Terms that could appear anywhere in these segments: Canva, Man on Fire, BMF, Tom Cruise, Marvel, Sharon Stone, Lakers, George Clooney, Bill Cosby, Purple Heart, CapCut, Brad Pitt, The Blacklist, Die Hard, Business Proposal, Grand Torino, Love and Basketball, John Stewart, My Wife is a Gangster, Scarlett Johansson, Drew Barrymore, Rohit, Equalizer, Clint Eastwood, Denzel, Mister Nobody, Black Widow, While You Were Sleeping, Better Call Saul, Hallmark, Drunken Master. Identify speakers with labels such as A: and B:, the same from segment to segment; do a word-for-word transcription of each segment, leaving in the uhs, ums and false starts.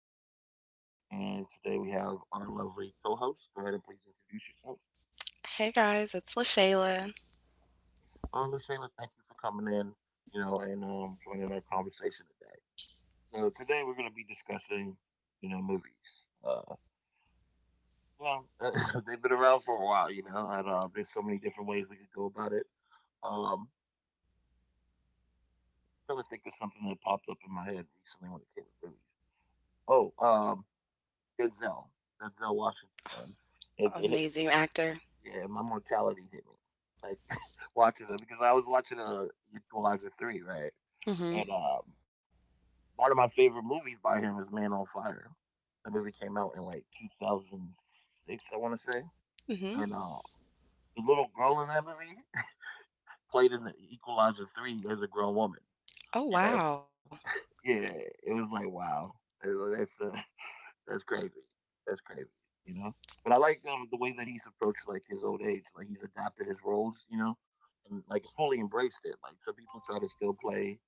A: is Jerez, and today we have our lovely co-host. Go ahead and please introduce yourself. Uh, Lucena, thank you for coming in, you know, and um, joining our conversation today. So today we're going to be discussing, you know, movies. Uh, you know, they've been around for a while, you know, and uh, there's so many different ways we could go about it. Um, I'm trying to think of something that popped up in my head recently when it came to movies. Oh, um, Denzel, Denzel Washington, man. It, it Yeah, my mortality hit me. Like watching it because I was watching uh Equalizer three, right? And um, one of my favorite movies by him is Man on Fire. The movie came out in like two thousand six, I want to say. And uh, the little girl in that movie played in the Equalizer three as a grown woman. You know? Yeah, it was like wow. It- That's uh, That's crazy. That's crazy. You know. But I like um, the way that he's approached like his old age. Like he's adapted his roles. You know, and like fully embraced it. Like some people try to still play.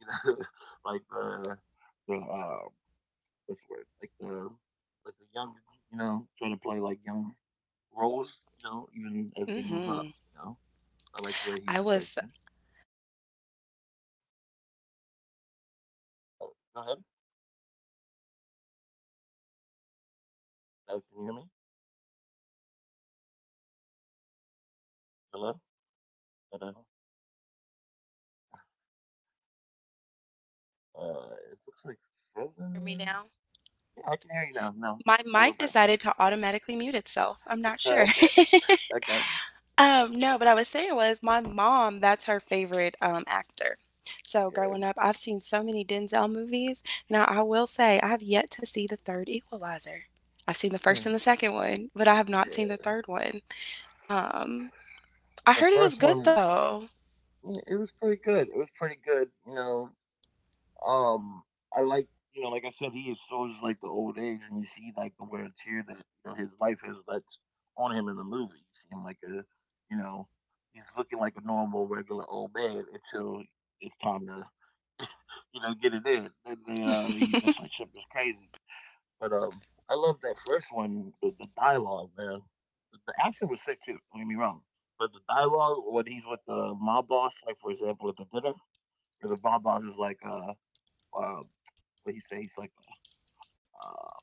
A: You know, like the the uh, What's the word? Like the like the young. You know, try to play like young roles. You know, even as they move up. You know, I like the way he's embraced it. Oh, go ahead. Uh, can you hear me? Hello. Hello. Uh, it looks like
B: Hear me
A: frozen.
B: now?
A: Yeah, I can hear you now. No,
B: My
A: no, we're
B: mic
A: back.
B: decided to automatically mute itself. I'm not
A: Oh,
B: sure.
A: okay. Okay.
B: um, no, but I was saying was my mom, that's her favorite um, actor. So
A: Yeah.
B: growing up, I've seen so many Denzel movies. Now, I will say I have yet to see the third Equalizer. I've seen the
A: Yeah.
B: first and
A: Mm,
B: the second one, but I have not seen the
A: yeah.
B: third one. Um, I
A: The
B: heard it was
A: first
B: good. Really,
A: one,
B: though?
A: yeah, it was pretty good. It was pretty good. You know, um, I like, you know, like I said, he shows like the old age, and you see like the wear and tear that you know his life has that's on him in the movie. You see him like a, you know, he's looking like a normal, regular old man until it's time to, you know, get it in. Then the uh, the the friendship is crazy. But um, I love that first one with the dialogue, man. The action was sick too. Don't get me wrong, but the dialogue when he's with the mob boss, like for example at the dinner, where the mob boss is like, uh, uh what he say? He's like, uh,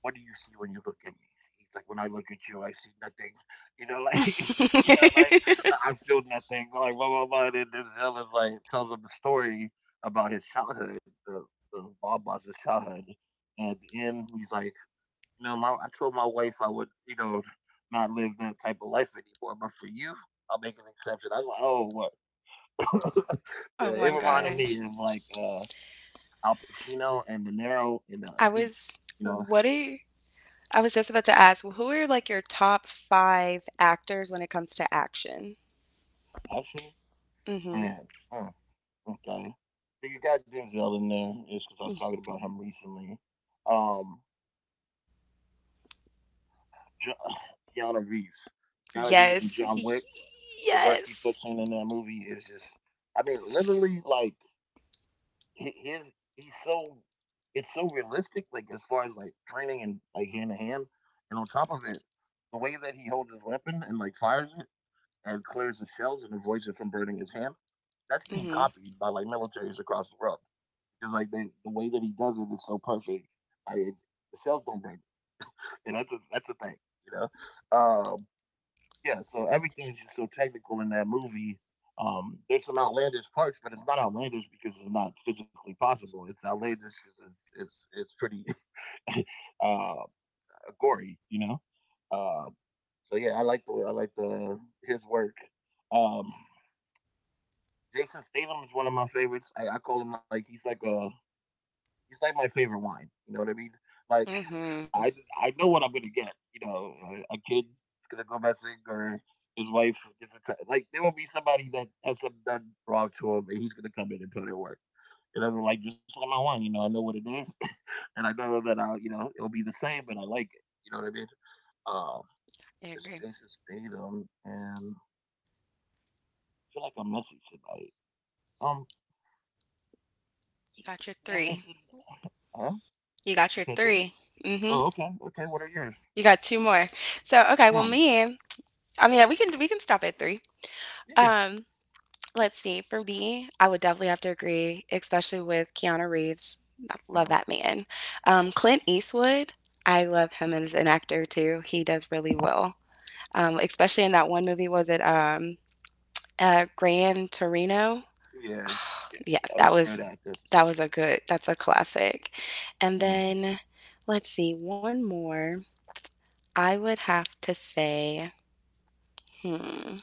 A: what do you see when you look at me? He's like, when I look at you, I see nothing. You know, like, you know, like I feel nothing. Like blah blah blah. And then this is like tells him the story about his childhood, the, the mob boss's childhood. And at the end, he's like you know, my I told my wife I would, you know, not live that type of life anymore. But for you, I'll make an exception. I was like, oh, what? Yeah,
B: Oh
A: it
B: my
A: reminded me
B: gosh.
A: of like uh, Al Pacino and De Niro in uh, Heat.
B: I
A: You
B: was,
A: know,
B: what do I was just about to ask, well, who are like your top five actors when it comes to action?
A: Action
B: Mm-hmm.
A: man. Mm, okay, so you got Denzel in there. It's because I was
B: Mm.
A: talking about him recently. Um, jo- Keanu Reeves, Keanu Reeves and
B: Yes.
A: John Wick. The work he puts
B: Yes.
A: in in that movie is just, I mean, literally like hi- his he's so it's so realistic, like as far as like training and like hand to hand, and on top of it, the way that he holds his weapon and like fires it and clears the shells and avoids it from burning his hand, that's being
B: Mm-hmm.
A: copied by like militaries across the world because like they, the way that he does it is so perfect. Like it, the shells don't burn, and that's a that's the thing, you know. Uh, yeah, so everything is just so technical in that movie. Um, there's some outlandish parts, but it's not outlandish because it's not physically possible. It's outlandish because it's it's, it's pretty uh, gory, you know. Uh, so yeah, I like the I like the his work. Um, Jason Statham is one of my favorites. I, I call him like he's like a he's like my favorite wine. You know what I mean? Like
B: Mm-hmm.
A: I I know what I'm gonna get. You know, a, a kid's gonna go missing, or his wife gets attacked. Like there will be somebody that has something done wrong to him, and he's gonna come in and put in work. And I'm like, just like my one, you know, I know what it is, and I know that I'll, you know, it'll be the same, but I like it. You know what I mean? Um,
B: I
A: it's
B: agree.
A: Jason Statham, and I feel like I'm missing somebody. Um,
B: You got your
A: I'm missing.
B: three.
A: Huh?
B: You
A: You
B: got your
A: said three?
B: three.
A: Oh,
B: Mm-hmm.
A: okay, okay. What are
B: You
A: yours?
B: got two more. So, okay, well, me,
A: Oh,
B: I mean, we can we can stop at three.
A: yeah, yeah,
B: Um, let's see. For me, I would definitely have to agree, especially with Keanu Reeves. I
A: uh-huh.
B: love that man. Um, Clint Eastwood. I love him as an actor too. He does really well. um, especially in that one movie. Was it um, uh, Grand Torino?
A: Yeah, yeah.
B: Yeah,
A: That was
B: that
A: a great
B: was
A: actor.
B: that was a good. That's a classic.
A: Uh-huh.
B: And then let's see, one more. I would have to say, hmm,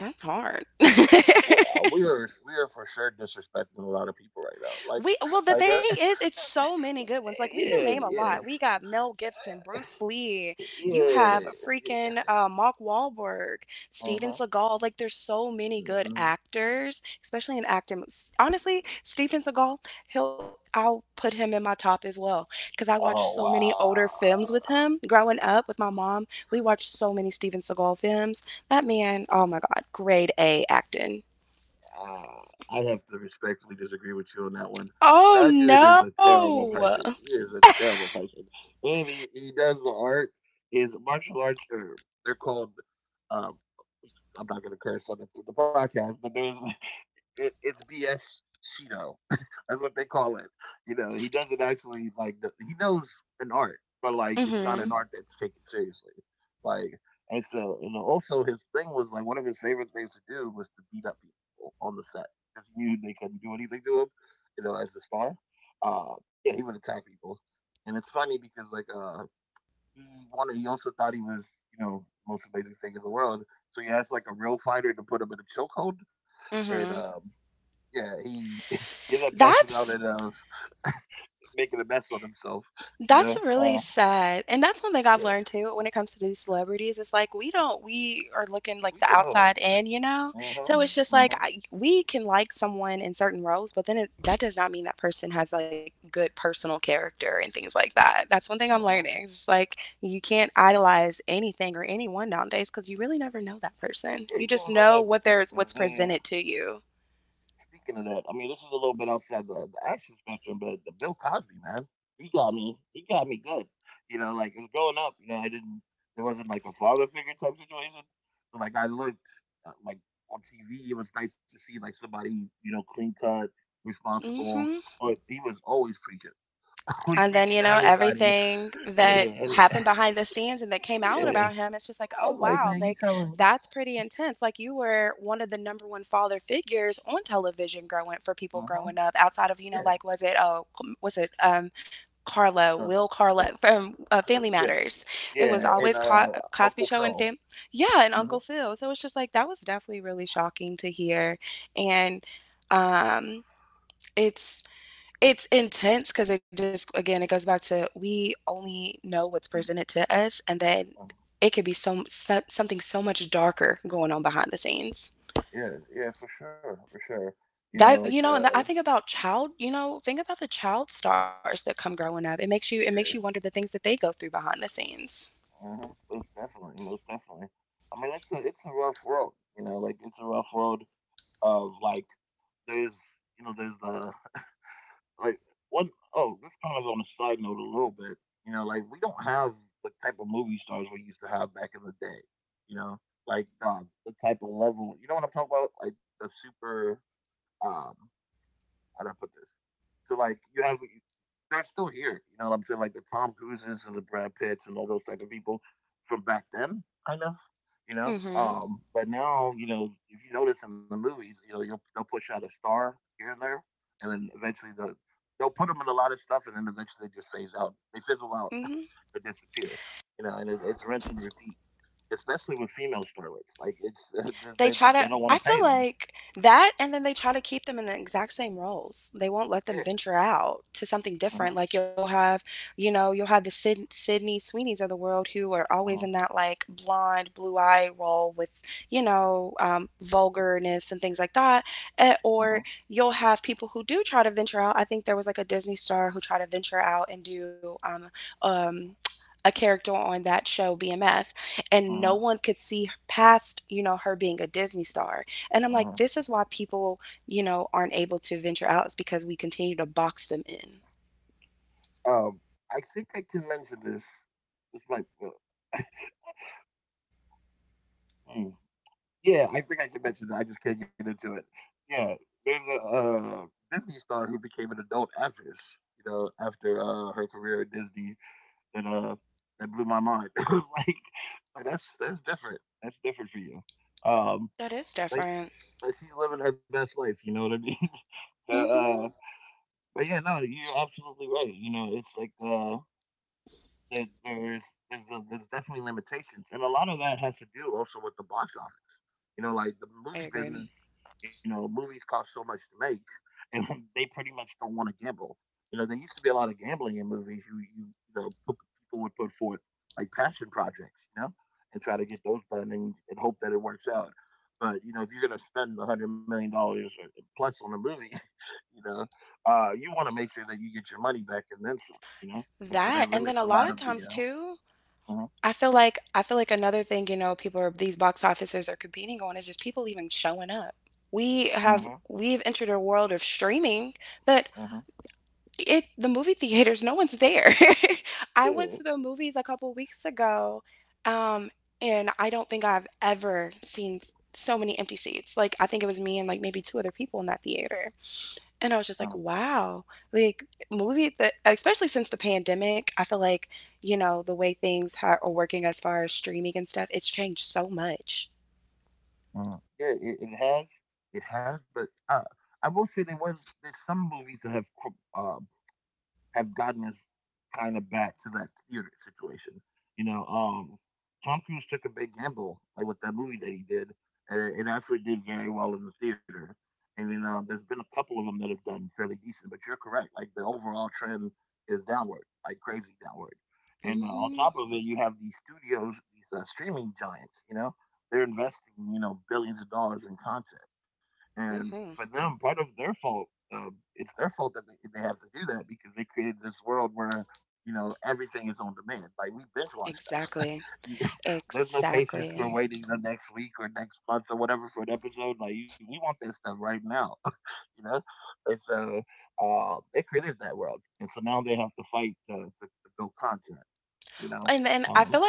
B: that's hard.
A: Well, uh, we are we are for sure disrespecting a lot of people right now. Like,
B: We well, the
A: like,
B: thing
A: uh,
B: is, it's so many good ones. Like we can
A: yeah,
B: name a lot.
A: yeah,
B: We got Mel Gibson, Bruce Lee. You
A: yeah,
B: have freaking
A: yeah.
B: uh, Mark Wahlberg, Steven
A: Uh-huh.
B: Seagal. Like there's so many good
A: Hmm.
B: actors, especially in acting. S- Honestly, Steven Seagal, he'll I'll put him in my top as well because I watched
A: Oh
B: so many
A: wow.
B: older films with him growing up with my mom. We watched so many Steven Seagal films. That man, oh my God, grade A acting.
A: Uh, I have to respectfully disagree with you on that one.
B: Oh
A: That dude is a terrible person.
B: no.
A: He is a terrible person, and he, he does the art. His martial arts are they're called. Um, I'm not gonna curse on the, the podcast, but there's it, it's B S Shido. That's what they call it. You know, he doesn't actually, like, he knows an art, but like it's not an
B: Mhm.
A: art that's taken seriously. Like, and so, and also his thing was like one of his favorite things to do was to beat up people on the set because he knew they couldn't do anything to him. You know, as a star, uh, yeah, he would attack people, and it's funny because like uh, he wanted. He also thought he was, you know, the most amazing thing in the world. So he asked like a real fighter to put him in a chokehold, and
B: Mhm.
A: um, yeah, he he ended up passing out at
B: That's
A: uh, making a mess on himself,
B: that's
A: you know.
B: really
A: Uh,
B: sad, and that's one thing I've
A: yeah,
B: learned too when it comes to these celebrities. It's like we don't we are looking like the
A: we don't know
B: outside
A: him.
B: in, you know?
A: Uh
B: So
A: huh.
B: it's just
A: Uh huh.
B: like I, we can like someone in certain roles, but then it, that does not mean that person has like good personal character and things like that. That's one thing I'm
A: Uh
B: learning.
A: huh.
B: It's just like you can't idolize anything or anyone nowadays because you really never know that person.
A: Yeah,
B: You
A: you
B: just
A: don't
B: know
A: know
B: what
A: that
B: there's what's
A: man.
B: presented to you.
A: Speaking of that, I mean, this is a little bit outside the, the action spectrum, but the Bill Cosby man, he got me. He got me good. You know, like it was growing up. You know, I didn't. There wasn't like a father figure type situation. So like I looked uh, like on T V, it was nice to see like somebody you know clean cut, responsible.
B: Mhm.
A: But he was always preaching. Always
B: And then,
A: preaching
B: you
A: to
B: know,
A: everybody.
B: everything
A: Yeah,
B: that
A: and
B: happened behind the scenes and that came out
A: yeah.
B: about him, it's just like,
A: I
B: oh,
A: was like,
B: wow,
A: man, you
B: like
A: telling you.
B: that's pretty intense. Like you were one of the number one father figures on television growing for people
A: Uh-huh.
B: growing up outside of, you know,
A: Yeah.
B: like, was it, oh, um, was it, um, Carlo,
A: No,
B: Will
A: no,
B: Carlo
A: no,
B: from uh,
A: uh,
B: Family
A: yeah.
B: Matters. It was
A: Yeah. And
B: always Co-
A: uh
B: Cosby
A: Uncle
B: Show and
A: Phil.
B: Fam, yeah, and
A: Mm-hmm.
B: Uncle Phil. So it's just like that was definitely really shocking to hear, and um, it's it's intense because it just again, it goes back to we only know what's presented to us, and then
A: Mm-hmm. Uh,
B: it could be some so something so much darker going on behind the scenes.
A: yeah, yeah, for sure. For sure. You know, like
B: That you know, and
A: uh
B: that I think about child you know, think about the child stars that come growing up. It makes you it makes you wonder
A: yeah,
B: the things that they go through behind the scenes.
A: uh-huh. Most definitely, most definitely. I mean it's a it's a rough road, you know, like it's a rough road of like there's you know, there's the, like, one. Oh, this kind of on a side note a little bit. You know, like we don't have the type of movie stars we used to have back in the day. You know, like um, the type of level. You know what I'm talking about? Like the super. Um, how do I put this? So like you have they're still here. You know what I'm saying? Like the Tom Cruises and the Brad Pitts and all those type of people from back then, kind of. You know,
B: Mhm.
A: um, but now you know if you notice in the movies, you know you'll, they'll push out a star here and there, and then eventually the, they'll put them in a lot of stuff, and then eventually they just phase out. They fizzle out,
B: Mhm.
A: they disappear. You know, and it, it's rinse and repeat, especially with female starlets. Like it's they,
B: They
A: they,
B: try
A: they
B: to
A: don't want
B: I
A: to pay
B: feel
A: them.
B: like that, and then they try to keep them in the exact same roles. They won't let
A: Yeah.
B: them venture out to something
A: Uh huh.
B: different. Like you'll have, you know, you'll have the Sid- Sydney Sweeneys of the world who are
A: Uh
B: always
A: huh.
B: in that like blonde, blue eye role with, you know, um, vulgarness and things like that. Eh,
A: Uh huh.
B: or you'll have people who do try to venture out. I think there was like a Disney star who tried to venture out and do um, um, a character on that show B M F, and
A: Uh
B: no
A: huh.
B: one could see past, you know, her being a Disney star. And I'm
A: Uh
B: like,
A: huh.
B: this is why people, you know, aren't able to venture out is because we continue to box them in.
A: Um, I think I can mention this. It's like, uh, hmm. Yeah, I think I can mention that. I just can't get into it. Yeah, there's a uh, Disney star who became an adult actress. You know, after uh, her career at Disney, that uh, that blew my mind. It was like, like, that's that's different. That's different for you. Um,
B: That is
A: but
B: different.
A: but she's living her best life. You know what I mean? So, uh,
B: Hmm.
A: but yeah, no, you're absolutely right. You know, it's like uh, There, there's there's a, there's definitely limitations, and a lot of that has to do also with the box office. You know, like the
B: I
A: movie
B: agree.
A: business. You know, movies cost so much to make, and they pretty much don't want to gamble. You know, there used to be a lot of gambling in movies. You you you know, put, people would put forth like passion projects. You know, and try to get those done and, and hope that it works out. But you know, if you're gonna spend a hundred million dollars plus on a movie, you know, uh, you want to make sure that you get your money back and then some, you know, and so
B: That
A: that
B: and then a
A: limits a
B: lot of
A: lot of
B: times
A: the,
B: too,
A: uh, mhm,
B: i feel like I feel like another thing, you know, people are, these box officers are competing on is just people even showing up. we have
A: mhm,
B: we've entered a world of streaming. That
A: mhm,
B: It the movie theaters, no one's there. I went to
A: yeah,
B: the movies a couple weeks ago, um, and I don't think I've ever seen s- so many empty seats. Like I think it was me and like maybe two other people in that theater. And I was just
A: mhm,
B: like, wow. Like movie the especially since the pandemic, I feel like, you know, the way things ha- are working as far as streaming and stuff, it's changed so much.
A: mhm. Yeah, it, it has, it has, but uh, I will say there was there's some movies that have uh, have gotten us kind of back to that theater situation. You know, um, Tom Cruise took a big gamble like with that movie that he did, and it, actually did very well in the theater. And you know, there's been a couple of them that have done fairly decent, but you're correct. Like the overall trend is downward, like crazy downward. And uh, on top of it, you have these studios, these uh, streaming giants. You know, they're investing, you know, billions of dollars in content. And for them, part of their fault, um, it's their fault that they, they have to do that because they created this world where, you know, everything is on demand. Like we binge watch stuff. you, there's no patience for waiting the next week or next month or whatever for an episode. Like you, we want that stuff right now, you know. And so uh, they created that world, and so now they have to fight to, to, to build content, you know. Um,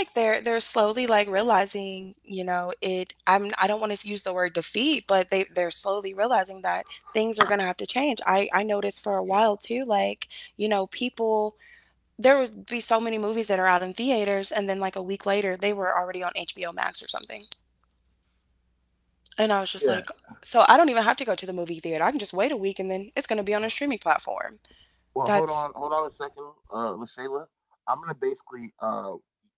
A: yeah, yeah. Well, hold on, hold on a second, uh, Lashayla. I'm gonna basically uh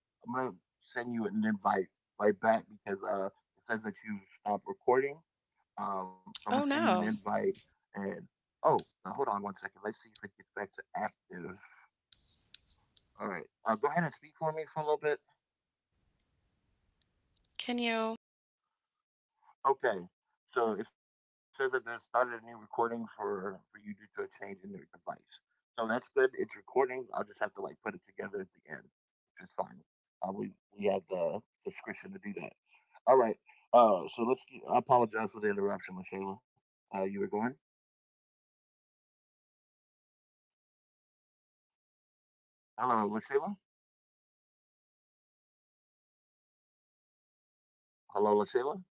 A: I'm gonna send you an invite right back because uh, it says that you stopped recording. Um, so I'm gonna send you an invite. And oh, uh, hold on one second. Let's see if it gets back to active. All right. Uh, go ahead and speak for me for a little bit. Okay. So it says that they started a new recording for for you due to a change in their device. So that's good. It's recording. I'll just have to like put it together at the end, which is fine. Uh, we we have the subscription to do that. All right. Uh, so let's. Get, I apologize for the interruption, Lashayla. Uh, you were going. Hello, Lashayla. Hello, Lashayla.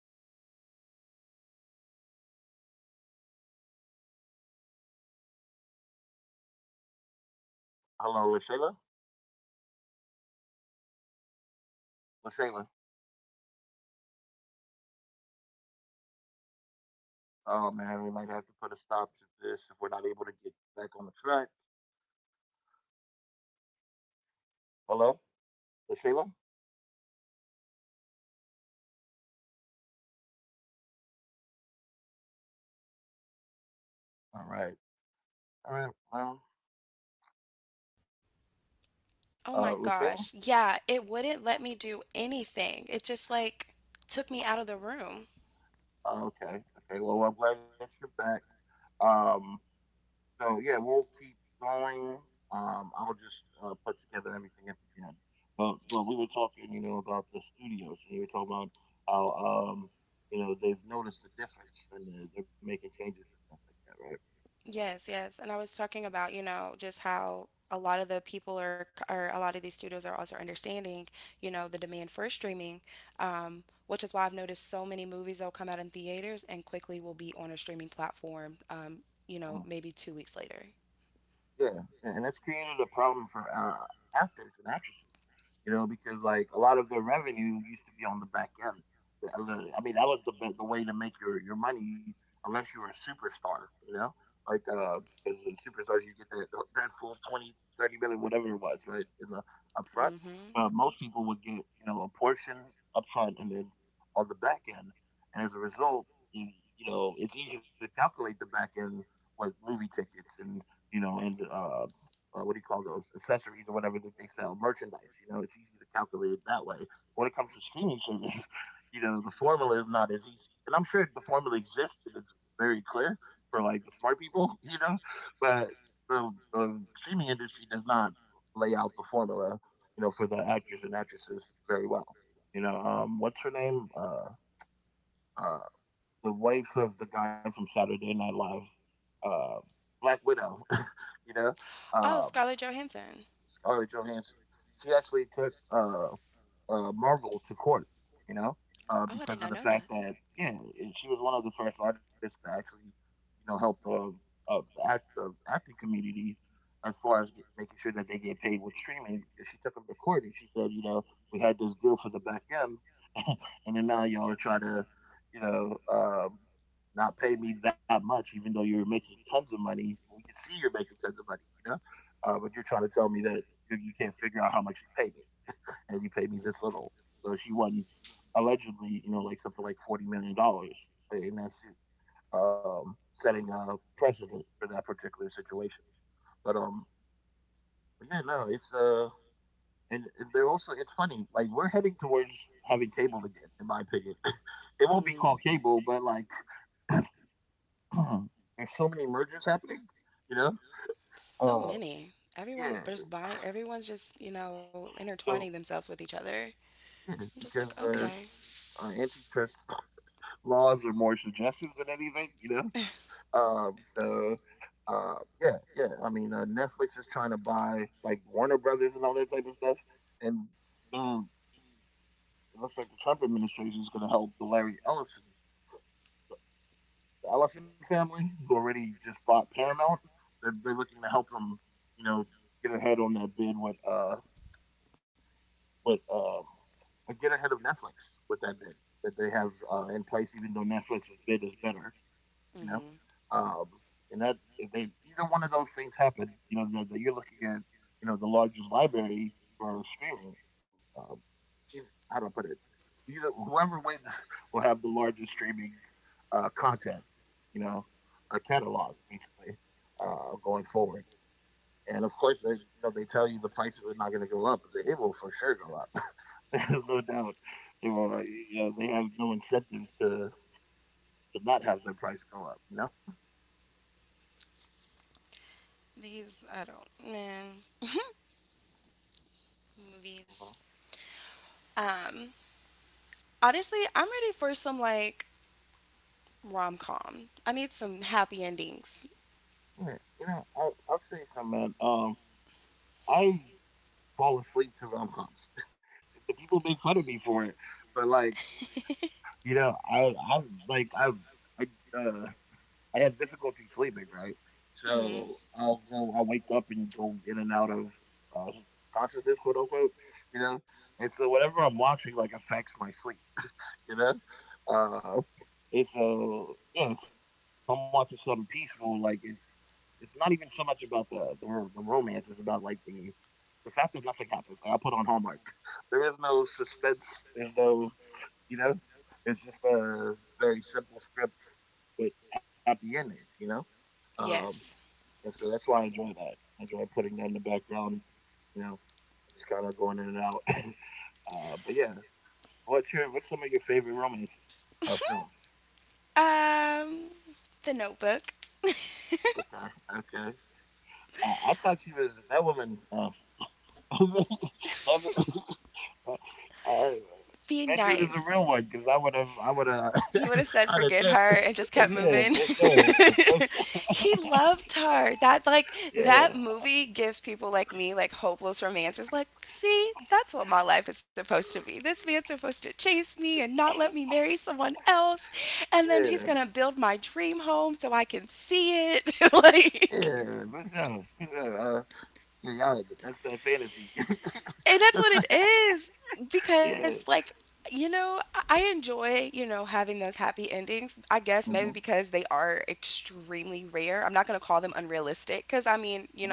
A: Hello, Lashayla. Lashayla. Oh man, we might have to put a stop to this if we're not able to get back on the track. Hello, Lashayla. All right. All right. Well, uh, Lashayla. Uh, okay. Okay. Well, I'm glad that you're back. Um, So yeah, we'll keep going. Um, I'll just uh, put together everything at the end. But but we were talking, you know, about the studios, and you were talking about how um, you know they've noticed the difference, and they're, they're making changes and stuff like that, right? Mm-hmm. Yeah, and and that's created a problem for uh, actors and actresses, you know, because like a lot of their revenue used to be on the back end. The- uh, I mean, that was the be- the way to make your your money, unless you were a superstar, you know, like uh, as a superstars you get that uh, that full twenty thirty million, whatever it was, right, in the upfront. But most people would get you know a portion upfront and then on the back end, and as a result, you, you know, it's easy to calculate the back end with movie tickets and you know, and uh, uh, what do you call those accessories or whatever that they sell, merchandise. You know, it's easy to calculate that way. When it comes to streaming service, you know, the formula is not as easy. And I'm sure the formula exists and it's very clear for like the smart people, you know, but the, the streaming industry does not lay out the formula, you know, for the actors and actresses very well. You know, um, what's her name? Uh, uh, the wife of the guy from Saturday Night Live, uh, Black Widow. You know, um, Scarlett Johansson. She actually took uh, uh, Marvel to court. You know, uh, because of the fact that yeah, eh, she was one of the first artists to actually you know help uh, uh, the act, uh, acting community as far as get, making sure that they get paid with streaming. Because she took them to court and she said, you know, we had this deal for the back end and then now y'all are trying to, you know, um, not pay me that much, even though you're making tons of money. We can see you're making tons of money, you know, uh, but you're trying to tell me that you, you can't figure out how much to pay me, and you pay me this little. So she won, allegedly, you know, like something like forty million dollars, and that's um, setting a precedent for that particular situation. But um, but yeah, no, it's uh, and, and they're also it's funny like we're heading towards having cable again in my opinion. It won't be called cable but like there's so many mergers happening you know uh yeah so yeah because uh uh, antitrust laws are more suggestions than anything, you know. Um, so, uh, yeah, yeah. I mean, uh, Netflix is trying to buy like Warner Brothers and all that type of stuff, and um, it looks like the Trump administration is going to help the Larry Ellison the Elephant family, who already just bought Paramount. They're, they're looking to help them, you know, get ahead on that bid with uh with um uh, get ahead of Netflix with that bid that they have uh, in place, even though Netflix's bid is better, you know. Um, and that if they either one of those things happen, you know, that, that you're looking at, you know, the largest library for streaming um, how do I put it? Either whoever wins will have the largest streaming uh, content, you know, a catalog basically uh, going forward. And of course, they, you know, they tell you the prices are not going to go up. But it will for sure go up. There's no doubt. They will, uh, you know, they have no incentive to to not have their price go up. You know. Mhm. Yeah. You know, I'll I'll say something, man. Um, I fall asleep to rom coms. The people make fun of me for it, but like you know, I I'm like I I uh I have difficulty sleeping, right? So I'll go I'll wake up and go in and out of uh consciousness, quote unquote, you know. And so whatever I'm watching like affects my sleep, you know? Uh and so yeah, if I'm watching something peaceful, like it's it's not even so much about the the, ro- the romance, it's about like the the fact that nothing happens. Like, I put on Hallmark. There is no suspense, there's no you know, it's just a very simple script with happy endings. You know, um, and so that's why I enjoy that. I enjoy putting that in the background. You know, just kind of going in and out. Uh, but yeah, what's your what's some of your favorite romance uh, films? Okay, okay. Uh, I thought she was that woman. Uh, that, uh, uh, that dude is a real one because I would have, I would have, I'd have dipped. Yeah, for sure, for sure. Yeah, yeah, yeah, for sure, for sure. Uh, yeah, y'all, that's that fantasy. Yeah. Hmm. Hmm.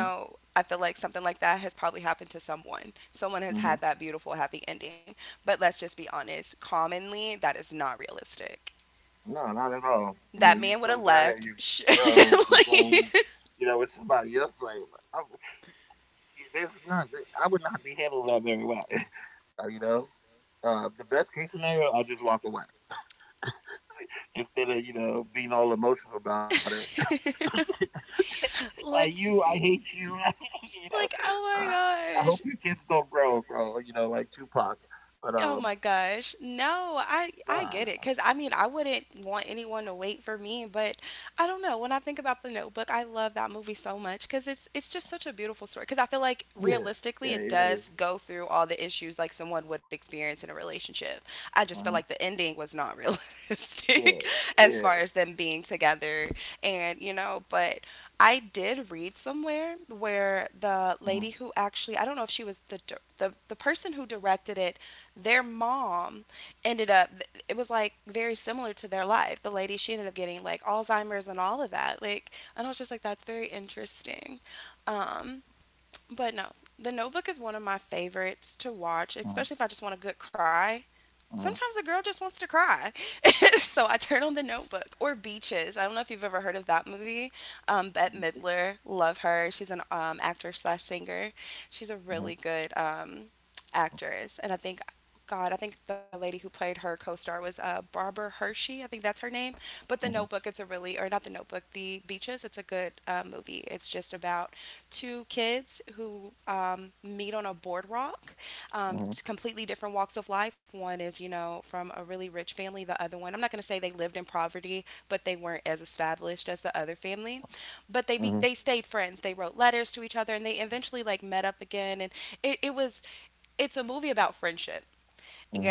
A: Hmm. No, not at all. I mean, you come back, you grow, you grow. You know, with somebody else, like I, there's not, I would not be handling that very well. Uh, you know, uh, the best case scenario, I'll just walk away instead of you know being all emotional about it. Like you, I hate you. You know, uh, I hope your kids don't grow, grow. You know, like Tupac. But um, Nah, no, yeah, yeah, it is. Uh-huh. Yeah, yeah. Uh-huh. Uh-huh. Uh-huh. Beaches. Uh-huh. Uh-huh. Uh-huh. Uh-huh. Uh-huh.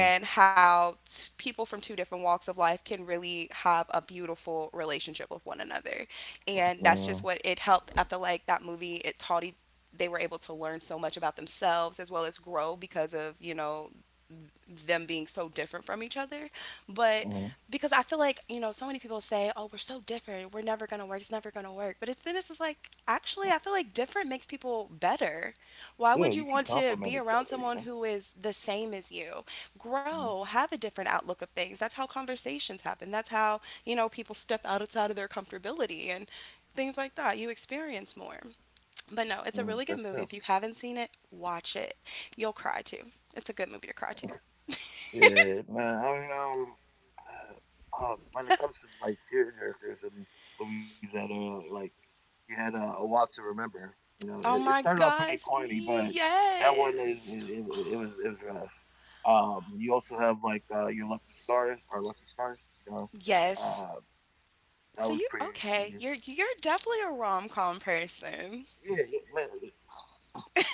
A: Uh-huh. Uh-huh. Yeah, you can compliment each other. You know. Uh-huh. Uh-huh. That's true. Yeah, man. I mean, um, uh, uh, when it comes to like tearjerkers and movies that are like, you had uh, a lot to remember. You know, it, it started out pretty corny, but that one is it, it, it was it was rough. Um, you also have like uh, your lucky stars or lucky stars. You know, uh, that was pretty. Yeah, yeah, man.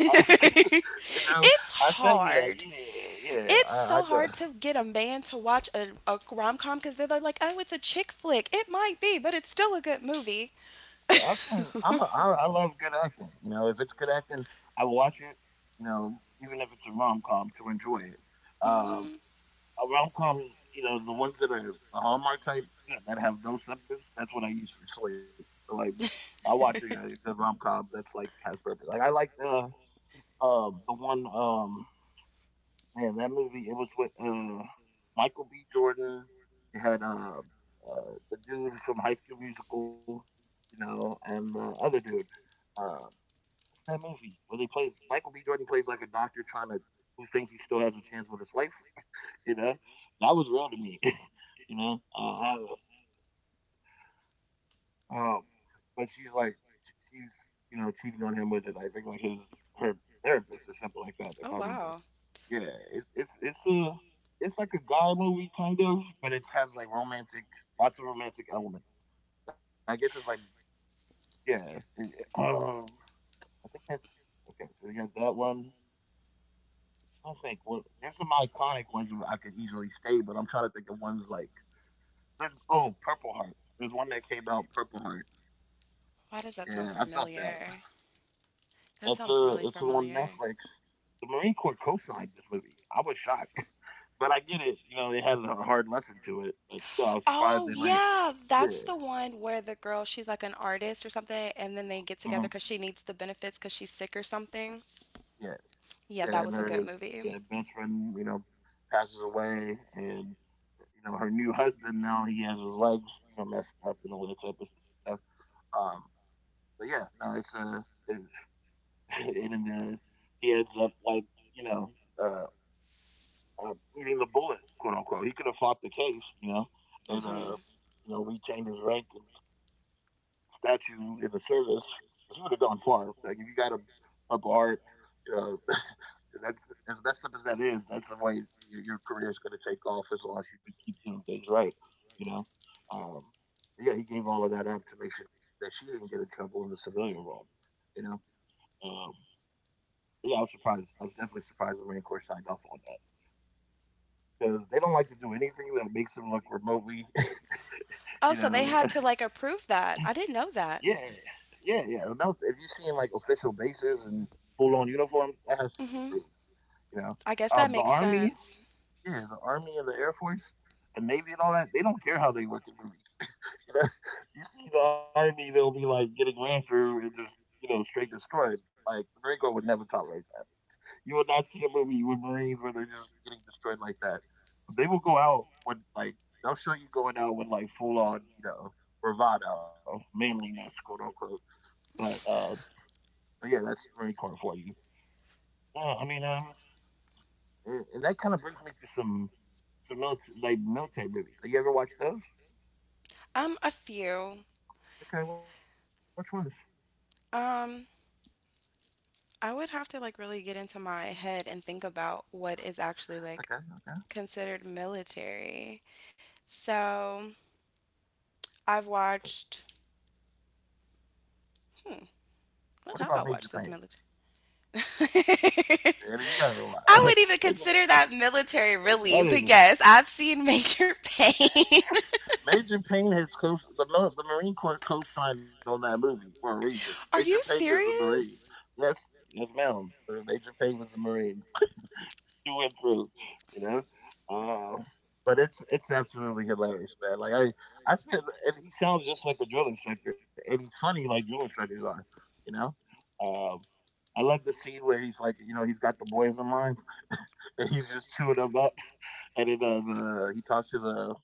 A: You know, I tell you, yeah, yeah. I, I know. Acting, i'm a, I, I love good acting. You know, if it's good acting, I will watch it, you know, even if it's a rom-com, to enjoy it. uh, a rom-com is, you know, the ones that are the hallmark type, yeah, that have no substance. That's what I use for sleep. But, like, I watch a, a good rom-com that's like, has purpose. Like, I like the um the one. Um man, that movie, it was with uh Michael B. Jordan. It had uh, uh the dude from High School Musical, you know, and the other dude. um What's that movie where he plays, Michael B. Jordan plays like a doctor trying to, who thinks he still has a chance with his life? You know, that was real to me. you know, uh, um, but she's like, she's you know, cheating on him with, it, I think, like his, her therapist or something like that, if I remember. Yeah, it's it's it's a, it's like a guy movie kind of, but it has like romantic, lots of romantic elements. I guess it's like, yeah. it- it- um, I think that's, okay. So you got that one. I don't think. Well, there's some iconic ones I could easily state, but I'm trying to think of ones like, there's, oh, Purple Heart. There's one that came out, Purple Heart. Yeah, I felt that. It's a it's on Netflix. The Marine Corps co-signed this movie. I was shocked, but I get it. You know, they had a hard lesson to it, but still, I was surprised they let. Yeah, uh-huh, yeah, yeah. And her, yeah, best friend, you know, passes away, and you know, her new husband now, he has his legs, you know, messed up and all that type of stuff. Um, But yeah, no, it's uh, and, and uh, he ends up like, you know, uh, uh, eating the bullet, quote unquote. He could have fought the case, you know, and uh, you know, retained his rank and statue in the service. He would have gone far. Like, if you got a a bar, you know, that's as messed up as that is, that's the way your, your career is going to take off, as long as you keep doing things right, you know. Um, yeah, he gave all of that up to make sure that she didn't get in trouble in the civilian world, you know. Um, but yeah, I was surprised. I was definitely surprised the Marine Corps signed off on that, because they don't like to do anything that makes them look remotely, you know. Yeah, yeah, yeah. No, if you're seeing like official bases and full-on uniforms, that has to be approved. You know, um, the Army, yeah, the Army and the Air Force. And Navy and all that, they don't care how they look in movies. You, know? You see the Army, they'll be like getting ran through and just, you know, straight destroyed. Like, the Marine Corps would never tolerate that. You will not see a movie with Marines where they're just getting destroyed like that. They will go out with like, they'll show you going out with like full on, you know, bravado, manliness, quote unquote. But uh, but yeah, that's Marine Corps for you. No, I mean, um, and that kind of brings me to some some military, like military movies. Like, you ever watch those? Okay, which ones? Okay, okay. Like, what about Major Payne? Yeah, I mean, you gotta know why. That is, Major Payne has co, the the Marine Corps co-signed on that movie for a reason. Major Payne is a Marine. Yes, yes, ma'am. Uh, Major Payne was a Marine through and through. You know, uh, but it's it's absolutely hilarious, man. Like, I I feel, and he sounds just like a drill instructor, and he's funny like drill instructors are. You know, um, I love the scene where he's like, you know, he's got the boys in mind, and he's just chewing them up, and then uh, the, he talks to the,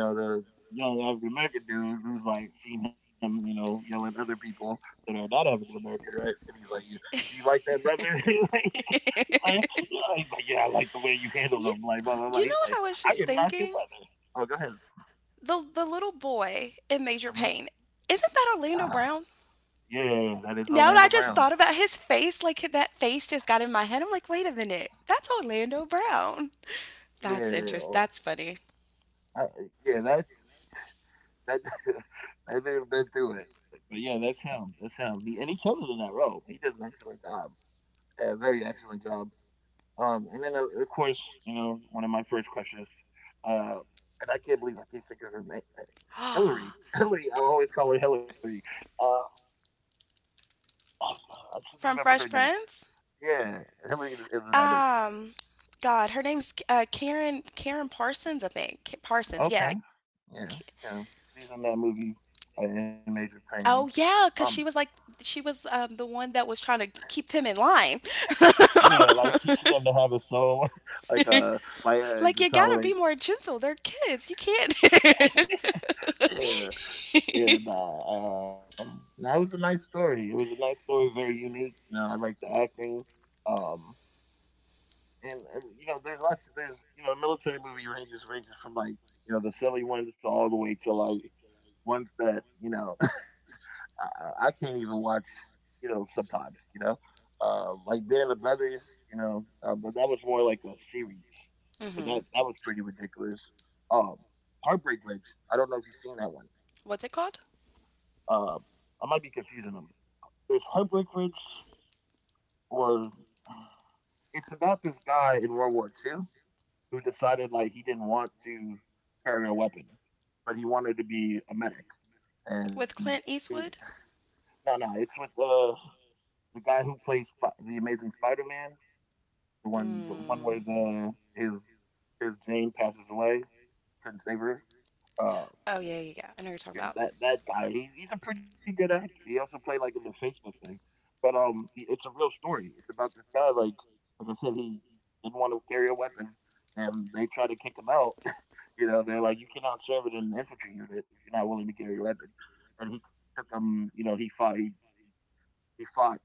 A: you know, the young African American dude who's like seen him, you know, yelling at other people that are not African American, right? And he's like, you, you like that, brother? He's like, he's, like, yeah. He's like, yeah, I like the way you handle them." Like, blah blah blah. He's like, I am not your brother. Oh, go ahead. Uh-huh. Ah, yeah, that is Orlando Brown. Yeah, oh, I, yeah, that's that. That dude's been through it, but yeah, that's him. That's him. He, and he killed it in that role. He did an excellent job. A very excellent job. Um, and then, uh, of course, you know, one of my first questions, uh, and I can't believe I can't think of her name. Uh, Hillary. Hillary. I always call her Hillary. Uh, oh, I should remember her name. Yeah, Hillary is is in that movie. Okay. Yeah, yeah. She's in that movie, uh, in Major Pain. Um, yeah, like teaching them to have a soul, like uh, like uh, to tolerate. Yeah, yeah, nah. Um, that was a nice story. It was a nice story, very unique. You know, I like the acting. Um, and, and you know, there's lots. Of, there's, you know, military movie ranges ranges from like, you know, the silly ones to all the way to like, ones that you know, I, I can't even watch. You know, sometimes you know, uh, like Band of Brothers. You know, uh, but that was more like a series. But that that was pretty ridiculous. Um, Heartbreak Ridge. I don't know if you've seen that one. Uh, I might be confusing them. There's Heartbreak Ridge, or it's about this guy in World War Two who decided like, he didn't want to carry a weapon, but he wanted to be a medic. And he, no, no, it's with uh, the guy who plays the Amazing Spider-Man, the one, the one where the his his Jane passes away, couldn't save her. Uh, Yeah, that, that guy. He's he's a pretty good actor. He also played like in the Facebook thing, but um, i- it's a real story. It's about this guy. Like like I said, he didn't want to carry a weapon, and they try to kick him out. You know, they're like, you cannot serve in an infantry unit if you're not willing to carry a weapon. And he took him. You know, he fought. He he fought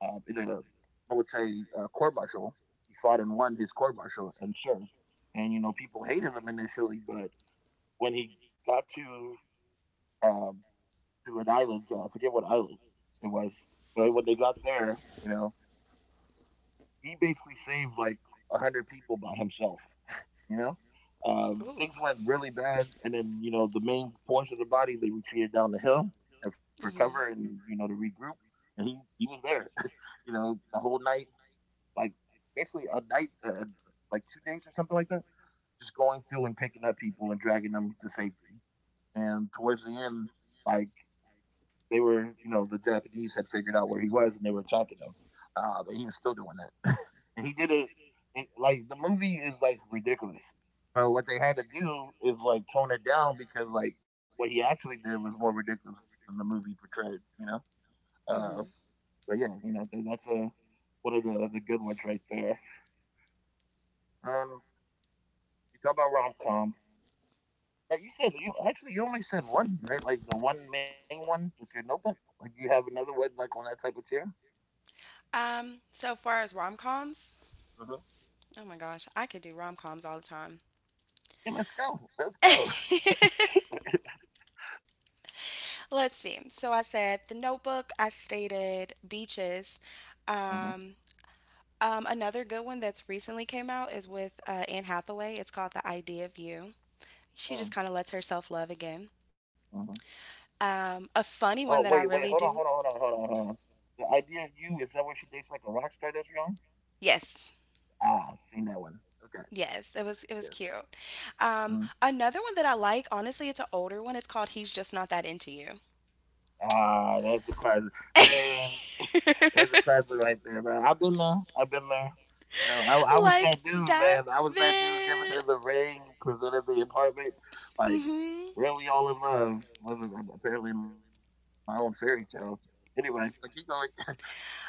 A: um, in a military uh, court martial. He fought and won his court martial and served. And you know, people hated him initially, but when he got to um, to an island. Uh, I forget what island it was, but when they got there, you know, he basically saved like a hundred people by himself. You know, um, things went really bad, and then you know, the main portion of the body, they retreated down the hill and for cover, and you know, to regroup. And he he was there, you know, the whole night, like, basically a night, uh, like two days or something like that, just going through and picking up people and dragging them to safety. And towards the end, like, they were, you know, the Japanese had figured out where he was and they were attacking him. Uh, but he was still doing that. And he did it, it, like, the movie is like ridiculous. But what they had to do is like tone it down, because like, what he actually did was more ridiculous than the movie portrayed, you know. Uh, but yeah, you know, that's a, one of the, the good ones right there. Um, you talk about rom com. But you said you actually, you only said one, right? Like the one main one was your notebook. Like, do you have another one like on that type of chair? Hmm. Yeah, let's go. Let's go. Mhm, mm, mhm. Oh, wait, wait. Hold on, hold on, hold on, hold on, hold on. The Idea of You, is that where she dates like a rock star that's young? Ah, I've seen that one. Okay, yeah. Mhm. Ah, that's a classic. Damn, that's a classic right there, man. I've been there. I've been there. You know, I, I was that dude, man. I was that dude giving her the ring, presented the apartment, like, really all in love. Wasn't apparently in my own fairy tale. Anyway, I keep going. You know.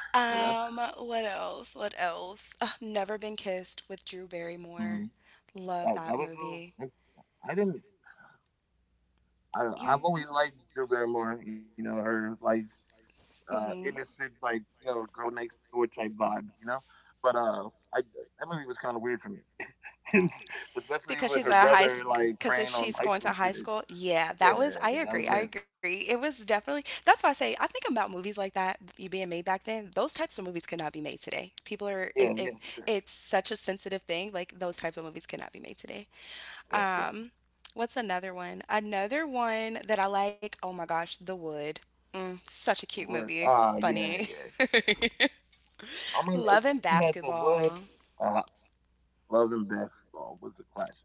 A: Mhm. Yeah, that was uh, I I didn't. I, I've always liked Drew Barrymore. You know, her like, uh, innocent, like, you know, girl next door type vibe. You know, but uh, I, that movie was kind of weird for me, especially with her brother like preying on high school students. Yeah, yeah, yeah, yeah, that was weird. Yeah, yeah, for sure. Yeah, yeah. The Wood. Ah, yeah, yeah, yeah. I mean, it, you had the wood. Uh, Love and Basketball was a classic.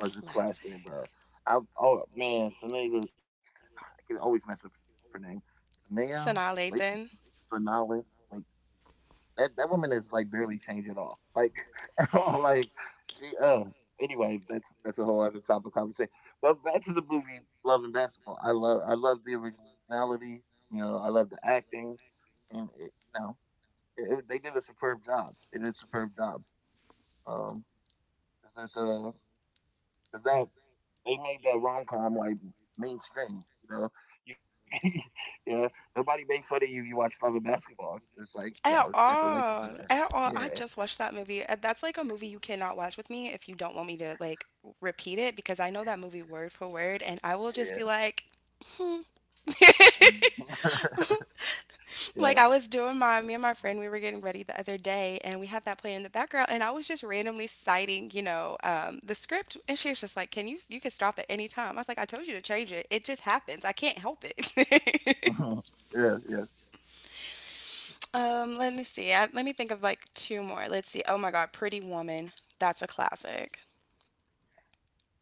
A: Was a classic, bro. I, oh man, some nigga I can always mess up her name. Fanea Layton. Fanala Layton. That that woman is like barely changed at all. Like at all. Like she uh anyway, that's that's a whole other topic of conversation. But back to the movie Love and Basketball. I love I love the originality, you know, I love the acting and it, you know, it, it- they did a superb job. They did a superb job. Um, there's a because that They made that rom com like mainstream. You know, you, yeah, nobody made fun of you if you watch Love and Basketball. It's like, you know, you got the Lakers in there. Yeah, yeah, yeah, mhm, yeah, yeah,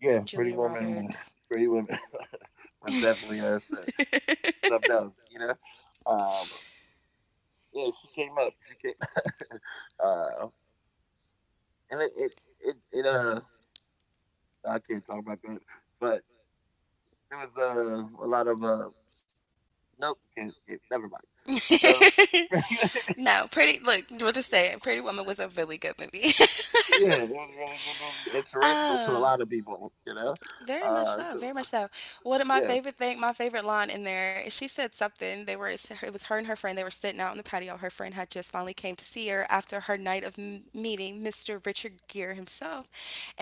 A: yeah. Pretty woman, Pretty Women was definitely uh, s- something else. You know, um, yeah, she came up. She came, uh, and it, it, it, it, uh, I can't talk about that, but there was uh, a lot of uh Nope, can't get. Never mind. So, yeah, it was a really good movie. Inspirational to a lot of people, you know. Uh, so, yeah,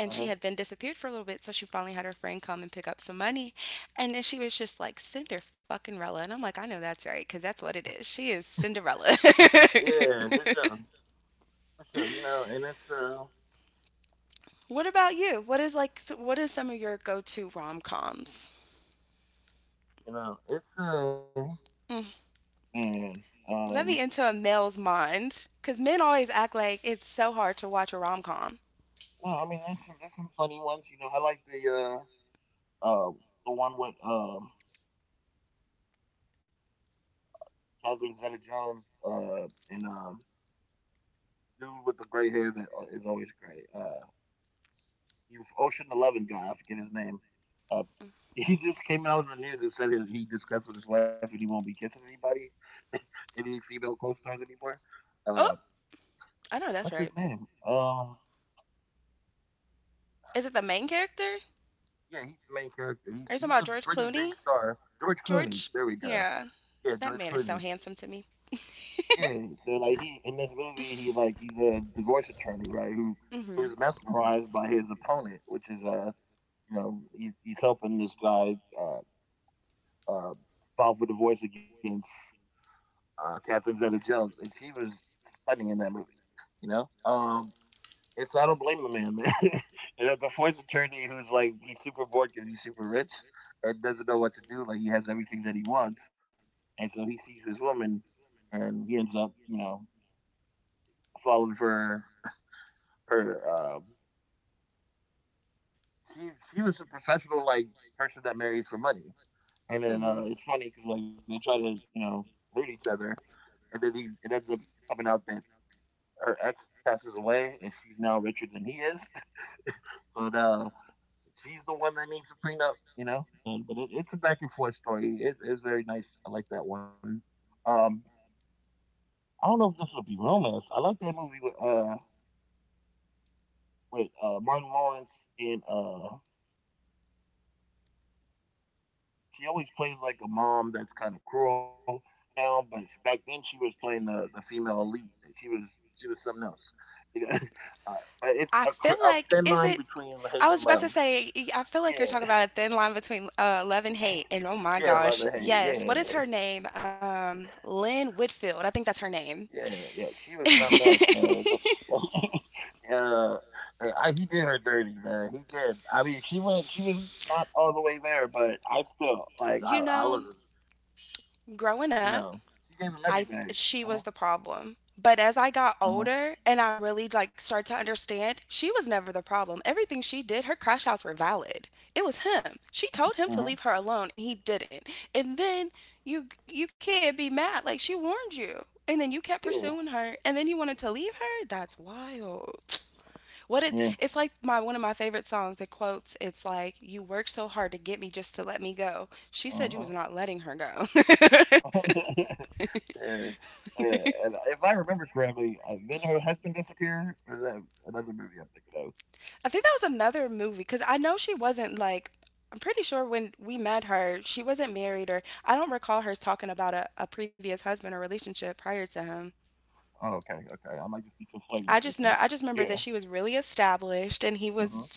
A: uh-huh. Yeah, for sure, for sure. You know, and it's uh, you know, it's uh, man, um, no, I mean, there's some there's some funny ones. You know, I like the uh, uh, the one with um, Catherine Zeta Jones, uh, and um, dude with the gray hair that uh, is always great. Uh, he was Ocean Eleven guy. I forget his name. Uh, he just came out in the news and said that he discussed with his wife and he won't be kissing anybody, any female co-stars anymore. Uh, what's his name? Um, yeah, he's the main character. He's he's a pretty big star. George Clooney. There we go. Yeah, George Clooney. Yeah. So like he in this movie, he like he's a divorce attorney, right? Who who's mesmerized by his opponent, which is uh you know, he's he's helping this guy uh uh, filed for divorce against uh, Catherine Zeta-Jones, and she was stunning in that movie. You know, um, and so I don't blame the man, man. And a divorce attorney who's like he's super bored because he's super rich and doesn't know what to do. Like he has everything that he wants, and so he sees this woman, and he ends up, you know, falling for her. her um, she she was a professional like person that marries for money. And then uh, it's funny because like they try to, you know, hurt each other, and then he, it ends up coming out that her ex passes away, and she's now richer than he is. so uh, she's the one that needs a prenup, you know. And, but it, it's a back and forth story. It, it's very nice. I like that one. Um, I don't know if this will be romance. I like that movie with uh with uh Martin Lawrence, and uh she always plays like a mom that's kind of cruel now, but back then she was playing the, the female lead. She was she was something else. You know, uh, but it's a, cr- a thin line between hate and love. Yeah, yeah, love and hate. Yeah, yeah, yeah. She was something else, man. But, uh, I, he did her dirty, man. He did. I mean, she went. She was not all the way there, but I still like. I, I was, you know, she gave him everything. Uh huh. Uh huh. Uh huh. Yeah. Yeah. Uh-huh. Yeah. Yeah. And if I remember correctly, uh, did her husband disappeared. Or is that another movie I'm thinking of? Oh, okay. Okay. I might just be conflating things then. Yeah. Uh-huh.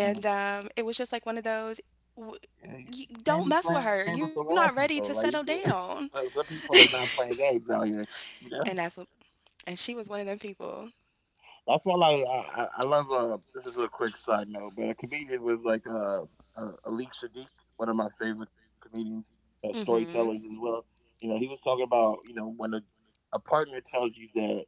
A: Uh-huh. Yeah. You you can't be playing with the wrong people. Like, you get. Some some people are not playing games out here, you know? I feel like I, I, I love. Uh, this is a quick side note, but a comedian with like uh, uh Alik Sadiq, one of my favorite comedians, uh, storytellers as well. You know, he was talking about, you know, when a, a partner tells you that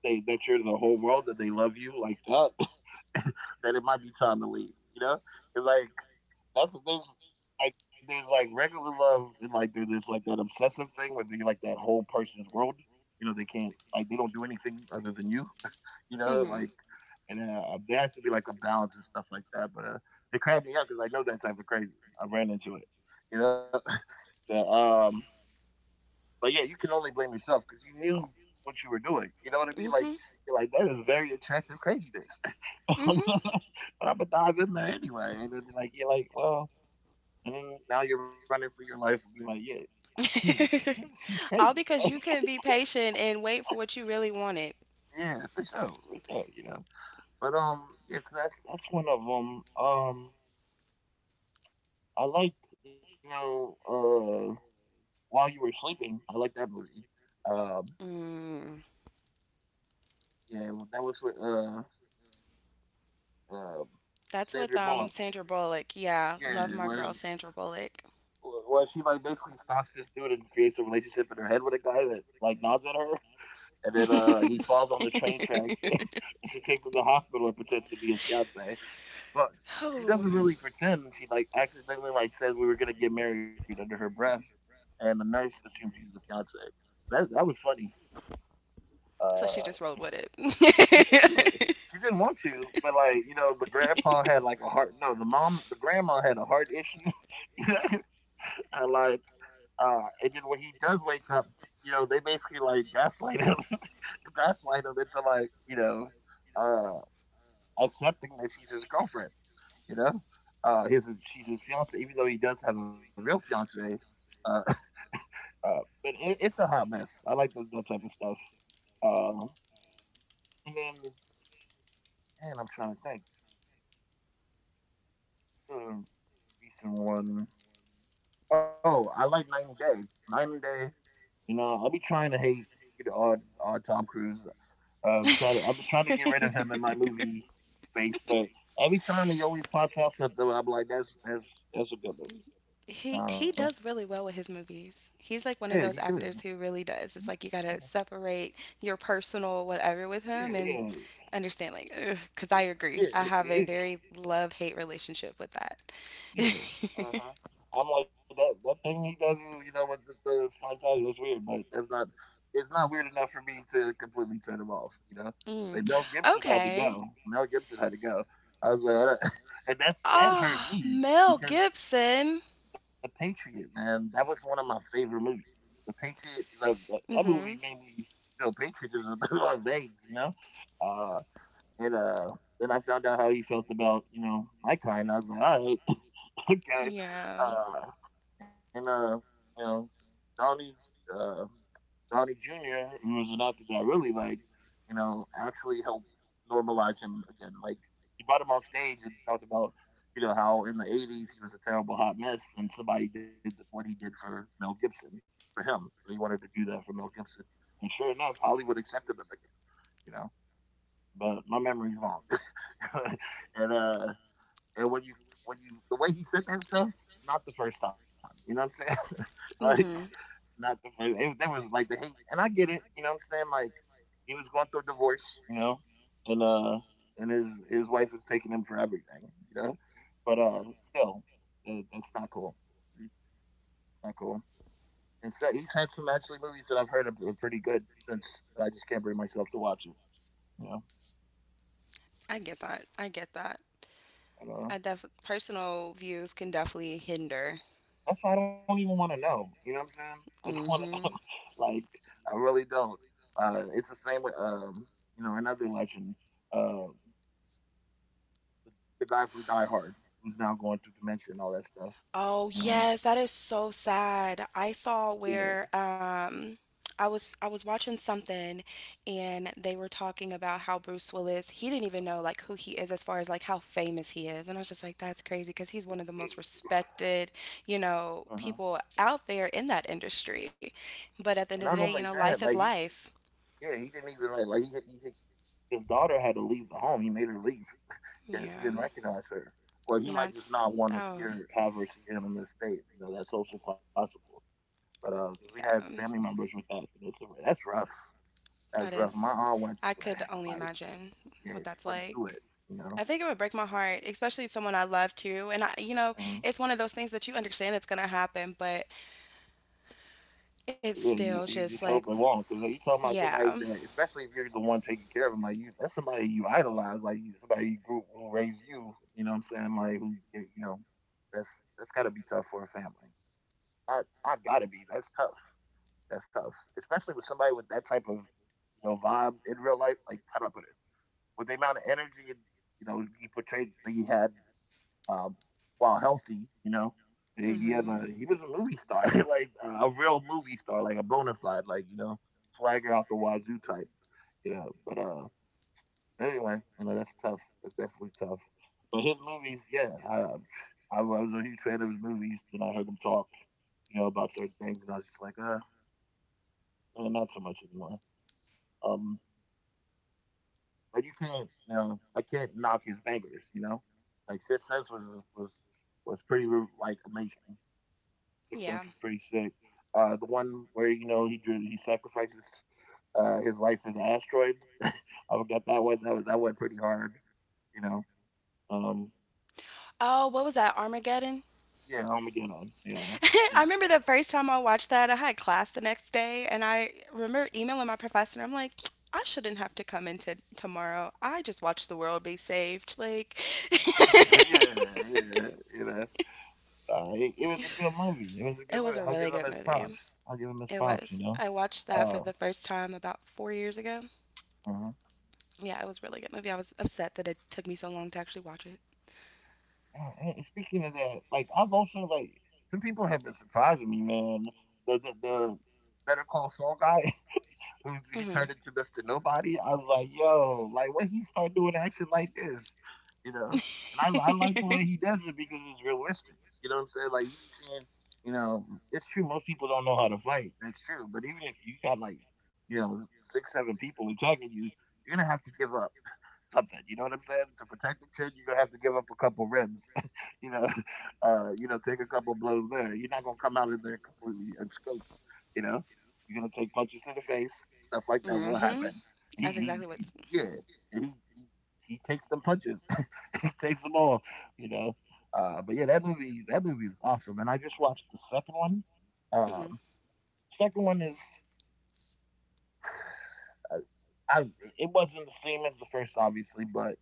A: they that you're the whole world, that they love you like that, that it might be time to leave. You know, it's like that's there's like there's like regular love and like there's this like that obsessive thing where you're like that whole person's world. You know, they can't like they don't do anything other than you, you know, like, and uh, there has to be like a balance and stuff like that. But uh, it cracked me up because I know that type of crazy. I ran into it, you know. So, um, but yeah, you can only blame yourself because you knew what you were doing. You know what I mean? Like, you're like that is very attractive craziness. But I'm gonna dive in there anyway, and then like you're like, well, and then now you're running for your life and be like, yeah, I can't. She's crazy. Yeah, for sure, for sure. You know. But um, it's that's that's one of them. Um, I liked, you know, uh, While You Were Sleeping. I liked that movie. Um, yeah, that was with uh, um Sandra Bullock. Yeah, where where she like basically stalks this dude and creates a relationship in her head with a guy that like nods at her, and then uh, he falls on the train tracks, and she takes him to the hospital and pretends to be his fiance. But she doesn't really pretend. She like accidentally like says we were gonna get married under her breath, and the nurse assumes she's his fiance. That that was funny. Uh, yeah, yeah, yeah. She didn't want to, but like, you know, the grandpa had like a heart. No, the mom, the grandma had a heart issue. You know, and like, uh, and then when he does wake up, you know, they basically like gaslight him, gaslight him into like, you know, uh, accepting that she's his girlfriend. You know, uh, his she's his fiance, even though he does have a real fiance. Uh, uh, but it, it's a hot mess. I like the, that type of stuff. Uh, and then And I'm trying to think. So recent one. Oh, I like ninety Day. ninety Day. You know, I'll be trying to hate, you know, our, our Tom Cruise. Uh, try to, I've been trying to get rid of him in my movie space, but every time he always pops out something, I'm like, that's that's that's a good movie. Uh, yeah, he does. Yeah, yeah, yeah. It, it, Yeah. Uh-huh. I'm like that that thing he does, you know, with the, the Scientology, that's weird, but that's not it's not weird enough for me to completely turn him off, you know? Like Mel Gibson had to go. Mel Gibson had to go. I was like, "All right." And that's that hurt me because The Patriot, man, that was one of my favorite movies. The Patriot, like that, that movie made me feel patriotism in my veins, you know. Uh, and uh, Then I found out how he felt about, you know, my kind. I was like, all right, okay. Uh, and uh, You know, Donnie, uh, Donnie junior, who was an actor that I really liked, you know, actually helped normalize him again. Like he brought him on stage and talked about, you know, how in the eighties he was a terrible hot mess, and somebody did what he did for Mel Gibson for him. So he wanted to do that for Mel Gibson, and sure enough, Hollywood accepted him again. You know, but my memory's long, and uh, and when you when you the way he said that stuff, not the first time. You know what I'm saying? Like not the first. It, that was like the hate, and I get it. You know what I'm saying? Like he was going through a divorce, you know, and uh, and his his wife was taking him for everything, you know. But uh, still, it, it's not cool. It's not cool. And so he's had some actually movies that I've heard are, are pretty good since, but I just can't bring myself to watch it. You know, and, uh, that's why I don't even want to know. You know what I'm saying? I don't want to know. Like, I really don't. Uh, it's the same with, um, you know, another legend, uh, the guy from Die Hard, who's now going through dementia and all that stuff. You know, yeah. Yeah. Uh-huh. And not only that, like he, yeah, he didn't even like, like he, he, he, his daughter had to leave the home. He made her leave because he didn't recognize her. Or he might just not want to see her, have her see him in this state. You know, that's also possible. But uh, we had family members with that. And It's, that's rough. That's rough. My aunt went through that. Like, yeah, she went through it. You know. Mhm. Yeah, you you just hope it won't. Cause like, you talking about somebody that, especially if you're the one taking care of them, like you, that's somebody you idolize, like you, somebody you grew who raised you. You know what I'm saying? Like, who, you know, that's that's gotta be tough for a family. I I gotta be. That's tough. That's tough, especially with somebody with that type of you know vibe in real life. Like, how do I put it? With the amount of energy and you know he portrayed that he had um, while healthy, you know, he had a, he was a movie star, like uh, a real movie star, like a bona fide, like you know, flagger out the wazoo type, you know. But uh, anyway, you know that's tough. That's definitely tough. But his movies, yeah, I, I was a huge fan of his movies, and I heard him talk, you know, about certain things, and I was just like, uh, eh, not so much anymore. Um, But you can't, you know, I can't knock his bangers, you know. Like Sixth Sense was was was pretty like amazing. Sixth Sense was pretty sick. Uh, the one where you know he drew, he sacrifices uh, his life for the asteroid. I got that one. That, was- that went pretty hard, you know. Um, yeah, Armageddon. Yeah, yeah, yeah, yeah. You know, uh, it, it was a good movie. It was a good movie. I'll give him his props. I'll give him his props. You know. Uh, uh Yeah, and speaking of that, like I've also like some people have been surprising me, man. The the, the Better Call Saul guy, who he turned into Mister Nobody. I was like, yo, like when he start doing action like this, you know. And I I like the way he does it because it's realistic. You know what I'm saying? Like you be seeing, you know, it's true. Most people don't know how to fight. That's true. But even if you got like, you know, six seven people attacking you, you're gonna have to give up something. You know what I'm saying? To protect the chin, you're gonna have to give up a couple ribs you know, uh, you know, take a couple blows there. You're not gonna come out of there completely unscathed. You know, you're gonna take punches to the face, stuff like that will happen. He, he, he yeah, he, he he takes them punches, he takes them all. You know, uh, but yeah, that movie that movie is awesome, and I just watched the second one. Um, Second one is, uh, I it wasn't the same as the first, obviously, but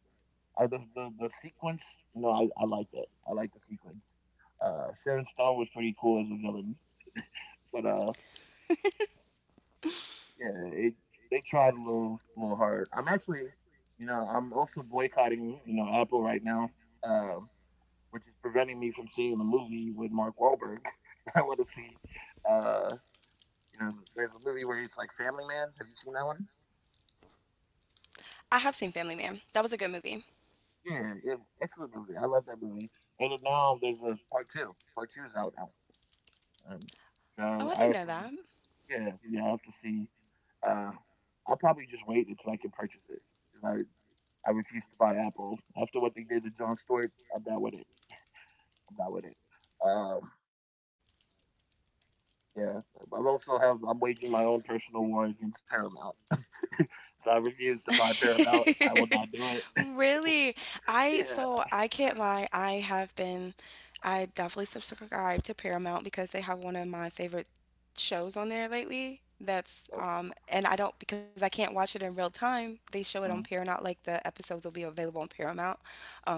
A: uh, the, the the sequence, you know, I I liked it. I like the sequence. Uh, Sharon Stone was pretty cool as a villain, but uh, yeah, it, they tried a little, a little hard. I'm actually, you know, I'm also boycotting, you know, Apple right now, um, which is preventing me from seeing the movie with Mark Wahlberg. I want to see, uh, you know, there's a movie where it's like Family Man. Have you seen that one? Yeah, yeah, excellent movie. I love that movie. And now there's a part two. Part two is out now. Um, so I have to. Yeah, yeah, I have to see. Uh, I'll probably just wait until I can purchase it 'cause I I refuse to buy Apple after what they did to John Stewart. I'm not with it. I'm not with it. Um, yeah, I also have I'm waging my own personal war against Paramount, so I refuse to buy Paramount. I will not do it. Yeah. So, uh,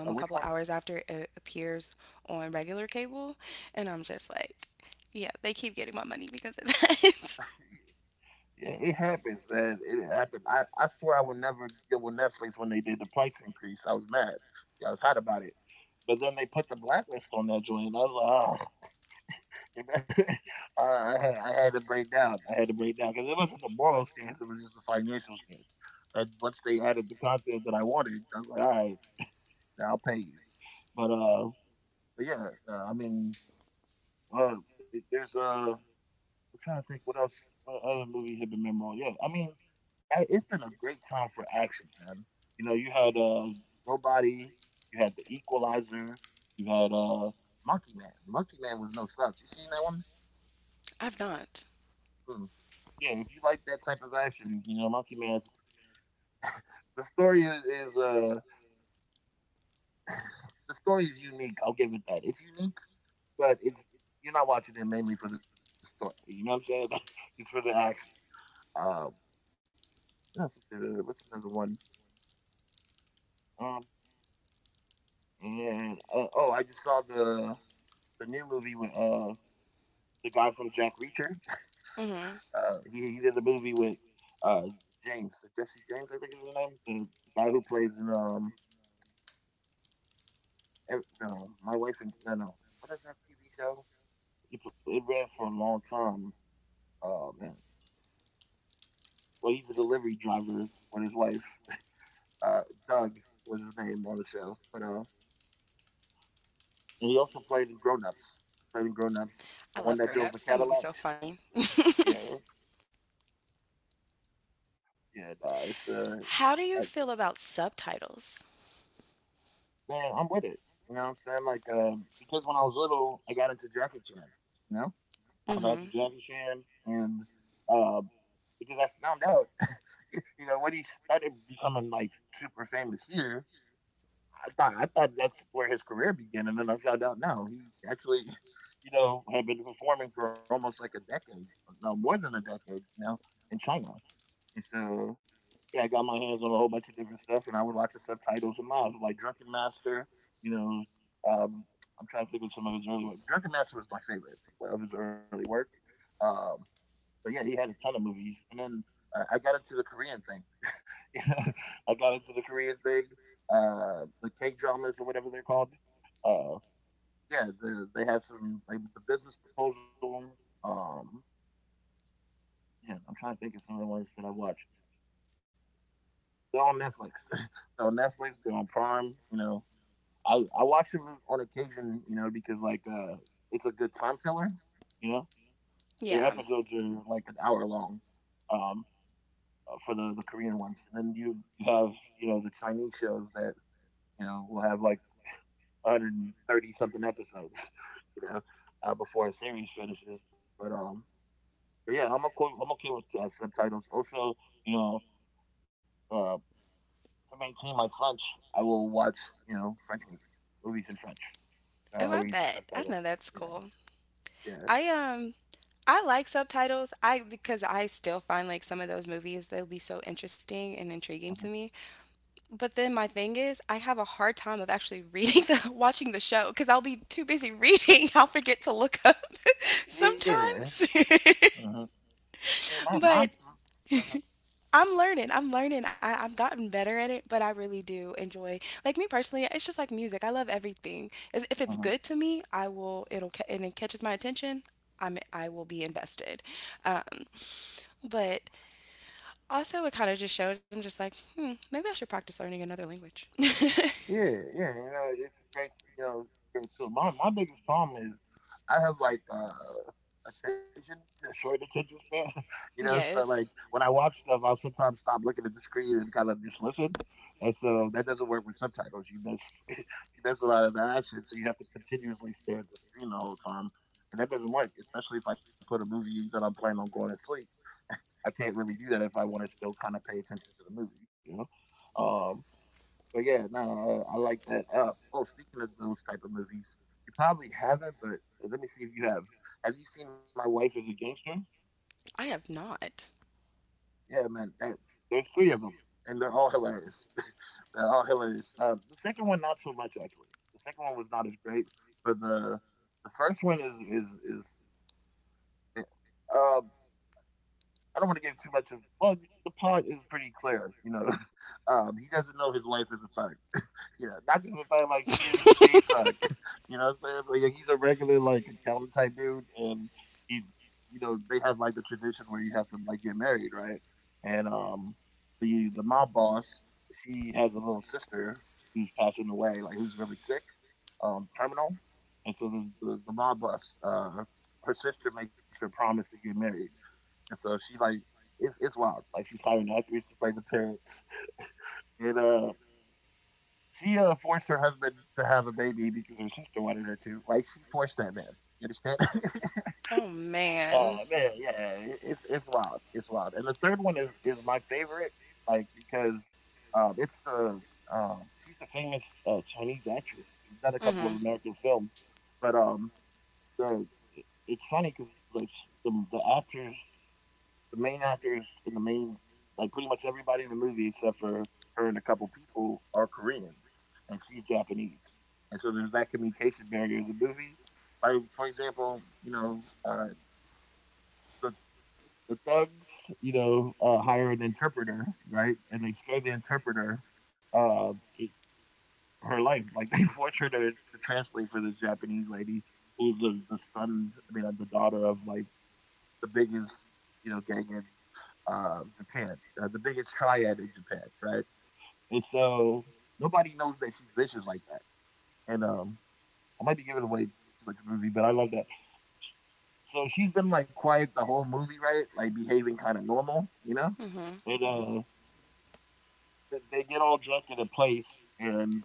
A: uh, which one? Yeah. It, it happens, man. It happened. I, I swear I would never deal with Netflix when they did the price increase. I was mad. Yeah, I was hot about it. But then they put the blacklist on that joint, and I was like, oh, you know, I, had, I had to break down. I had to break down because it wasn't the moral stance; it was just the financial stance. And once they added the content that I wanted, I was like, all right, now I'll pay you. But uh, but yeah, uh, I mean, uh, there's uh, I'm trying to think what else, what other movie had been memorable. Yeah, I mean, I- it's been a great time for action, man. You know, you had uh, Nobody, you had The Equalizer, you had uh, Monkey Man. Monkey Man was no slouch. You seen that one? Hmm. Yeah, if you like that type of action, you know, Monkey Man's the story is, is uh the story is unique. I'll give it that. It's unique, but it's you're not watching it mainly for the story. You know what I'm saying? It's for the action. Um, what else is there? What's another one? Um, and uh, Oh, I just saw the the new movie with uh the guy from Jack Reacher. Uh, he, he did a movie with uh, James, uh, Jesse James, I think is his name. The guy who plays in um, Ev- no, my wife and no, no, what is that T V show? It, it ran for a long time. Oh man, well he's a delivery driver with his wife. Uh, Doug was his name on the show, but uh, and he also played in Grown Ups. He played in Grown Ups, the one that drove the Cadillac. Yeah, yeah, nah, it's uh, man, I'm with it. You know what I'm saying? Like, um, because when I was little, I got into Jackie Chan. You know, I got into Jackie Chan, and uh, because I found out, you know, when he started becoming like super famous here, I thought I thought that's where his career began, and then I found out now he actually, you know, had been performing for almost like a decade, no more than a decade, you know, in China. And so yeah, I got my hands on a whole bunch of different stuff, and I would watch the subtitles and miles like Drunken Master. You know, um, I'm trying to think of some of his early work. Drunken Master was my favorite well, of his early work. Um, but yeah, he had a ton of movies, and then uh, I got into the Korean thing. I got into the Korean thing, uh, the K dramas or whatever they're called. Uh, yeah, the, they have some like the Business Proposal. Um, yeah, I'm trying to think of some of the ones that I've watched. They're on Netflix. They're on Netflix. They're on Prime. You know, I I watch them on occasion. You know, because like uh, it's a good time filler. You know, their episodes are like an hour long. Um, uh, for the the Korean ones, and then you you have you know the Chinese shows that you know will have like one hundred thirty something episodes, you know, uh, before a series finishes. But um, but yeah, I'm okay. I'm okay with uh, subtitles. Also, you know, uh, to maintain my French, I will watch, you know, French movies, movies in French. I'll read the subtitles. Yeah, yeah, uh-huh. Yeah, uh-huh. Yeah. My mom. Uh-huh. Uh-huh. Yeah, yeah, you know, it's a great, you know, great tool. My my biggest problem is I have like uh attention, a short attention span. You know, so like when I watch stuff, I'll sometimes stop looking at the screen and kind of just listen. And so that doesn't work with subtitles. You miss you miss a lot of the action, so you have to continuously stare at the screen the whole time, and that doesn't work. Especially if I put a movie that I'm planning on going to sleep, I can't really do that if I want to still kind of pay attention to the movie. You know. Um, but yeah, no, uh, I like that. Uh, oh, speaking of those type of movies, you probably haven't, but let me see if you have. Have you seen My Wife is a Gangster? Yeah, man. That, there's three of them, and they're all hilarious. They're all hilarious. Uh, the second one, not so much actually. The second one was not as great, but the the first one is is is. Uh, I don't want to give too much of. Well, the plot is pretty clear. You know, um, he doesn't know his wife is a thug. Yeah, not just a thug. Like she is the thug. You know what I'm saying? Like, he's a regular like accountant type dude, and he's you know they have like the tradition where you have to like get married, right? And um, the the mob boss, she has a little sister who's passing away, like who's really sick, um, terminal, and so the the, the mob boss, uh, her sister makes her promise to get married, and so she like it's it's wild. Like she's hiring actors to play the parents, and uh, she uh, forced her husband to have a baby because her sister wanted her to. Like she forced that man. You understand? Oh man, yeah, it's it's wild. It's wild. And the third one is is my favorite, like because um, it's the um, she's a famous uh, Chinese actress. She's done a couple of American films, but um, the it's funny because like the the actors the main actors in the main, like pretty much everybody in the movie except for her and a couple people are Korean, and she's Japanese, and so there's that communication barrier in the movie. Like for example, you know, uh, the the thugs, you know, uh, hire an interpreter, right, and they scare the interpreter. Uh, it, her life, like they force her to, to translate for this Japanese lady who's the, the son, I mean, the daughter of like the biggest, you know, gang in um, Japan, uh, the biggest triad in Japan, right? And so nobody knows that she's vicious like that. And um, I might be giving away too much of the movie, but I love that. So she's been like quiet the whole movie, right? Like behaving kind of normal, you know. And uh, they- they get all drunk in a place, and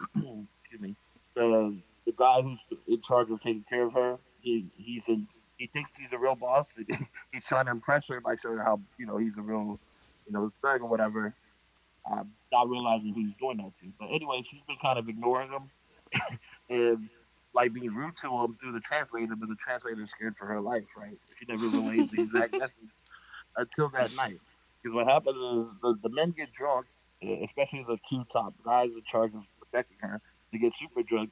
A: excuse me, the the guy who's in charge of taking care of her, he he's in he thinks he's a real boss. He's trying to impress her by showing her how you know he's a real you know thug or whatever. Um, not realizing who he's doing that to. But anyway, she's been kind of ignoring him and like being rude to him through the translator, but the translator's scared for her life, right? So she never relays the exact message until that night. Because what happens is the, the men get drunk, e, especially the two top guys in charge of protecting her. They get super drunk.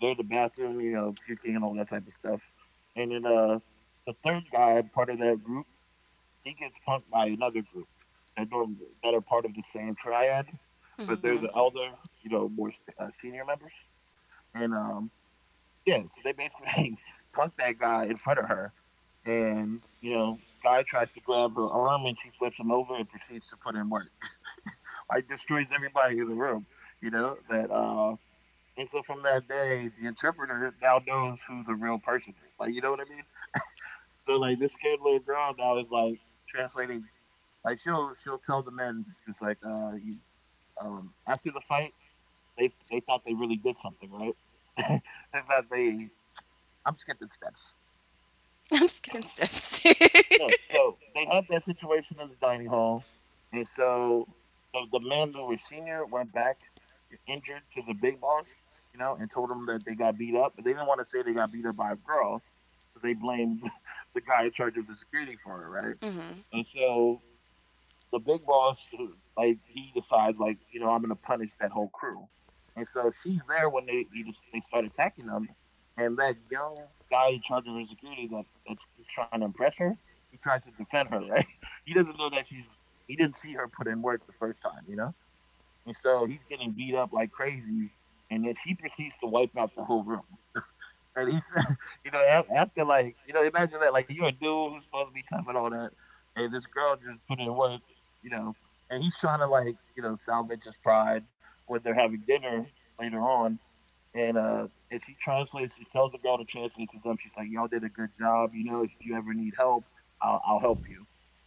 A: They're in the bathroom, you know, puking and all that type of stuff. And then uh, the third guy, part of that group, he gets punked by another group that, do that are part of the same triad, but they're the elder, you know, more uh, senior members. And um, yeah, so they basically punk that guy in front of her, and you know, guy tries to grab her arm and she flips him over and proceeds to put in work. Like destroys everybody in the room. You know that. uh And so from that day, the interpreter now knows who the real person is. Like you know what I mean? So like this scared little girl now is like translating. Like she'll she'll tell the men she's like, uh, you, um, after the fight, they they thought they really did something, right? They thought they. I'm skipping steps. No, so they had that situation in the dining hall, and so the, the men who were senior went back injured to the big boss, you know, and told them that they got beat up, but they didn't want to say they got beat up by a girl, so they blamed the guy in charge of the security for it, right? And so the big boss, like he decides, like you know, I'm gonna punish that whole crew, and so she's there when they they, just, they start attacking them, and that young guy in charge of her security that that's trying to impress her, he tries to defend her, right? He doesn't know that she's he didn't see her put in work the first time, you know, and so he's getting beat up like crazy, and then she proceeds to wipe out the whole room. And he said, you know, after like, you know, imagine that, like you're a dude who's supposed to be tough and all that, and this girl just put in work, you know, and he's trying to like, you know, salvage his pride when they're having dinner later on, and uh, and she translates, she tells the girl to translate to them. She's like, y'all did a good job, you know. If you ever need help, I'll, I'll help you.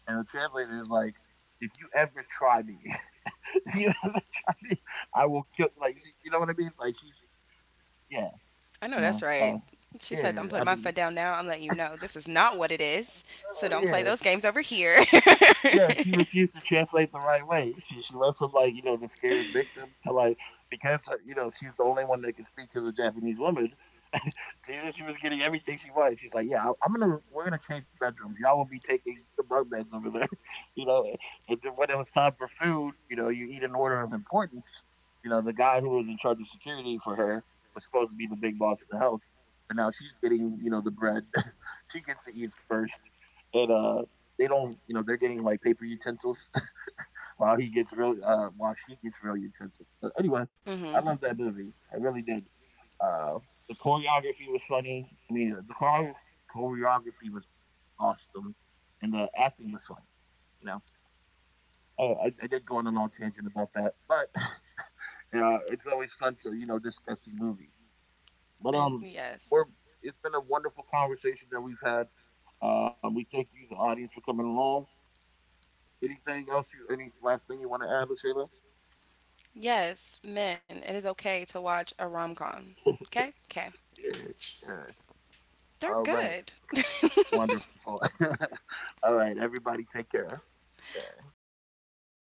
A: And the translator is like, if you ever try me, if you ever try me, I will kill you. Like, you know what I mean? Like she's, yeah, you know, uh, yeah. I mean, yeah. Yeah, she refused to translate the right way. She she went from like you know the scared victim to like because uh, you know she's the only one that can speak to the Japanese woman. Jesus, she was getting everything she wanted. She's like, yeah, I- I'm gonna we're gonna change bedrooms. Y'all will be taking the bunk beds over there, you know. And then when it was time for food, you know, you eat in order of importance. You know, the guy who was in charge of security for her was supposed to be the big boss of the house, but now she's getting you know the bread. She gets to eat first and uh they don't you know they're getting like paper utensils while he gets real uh while she gets real utensils but anyway, I love that movie. I really did. uh the choreography was funny, I mean, uh, the chore- choreography was awesome and the acting was funny you know oh, i, I did go on a long tangent about that but uh, it's always fun to you know discussing movies but um we're it's been a wonderful conversation that we've had. Uh, we thank you the audience for coming along. Anything else? You Any last thing you want to add, Lashayla? Yeah, yeah. All right, wonderful. All right, everybody, take care. Okay.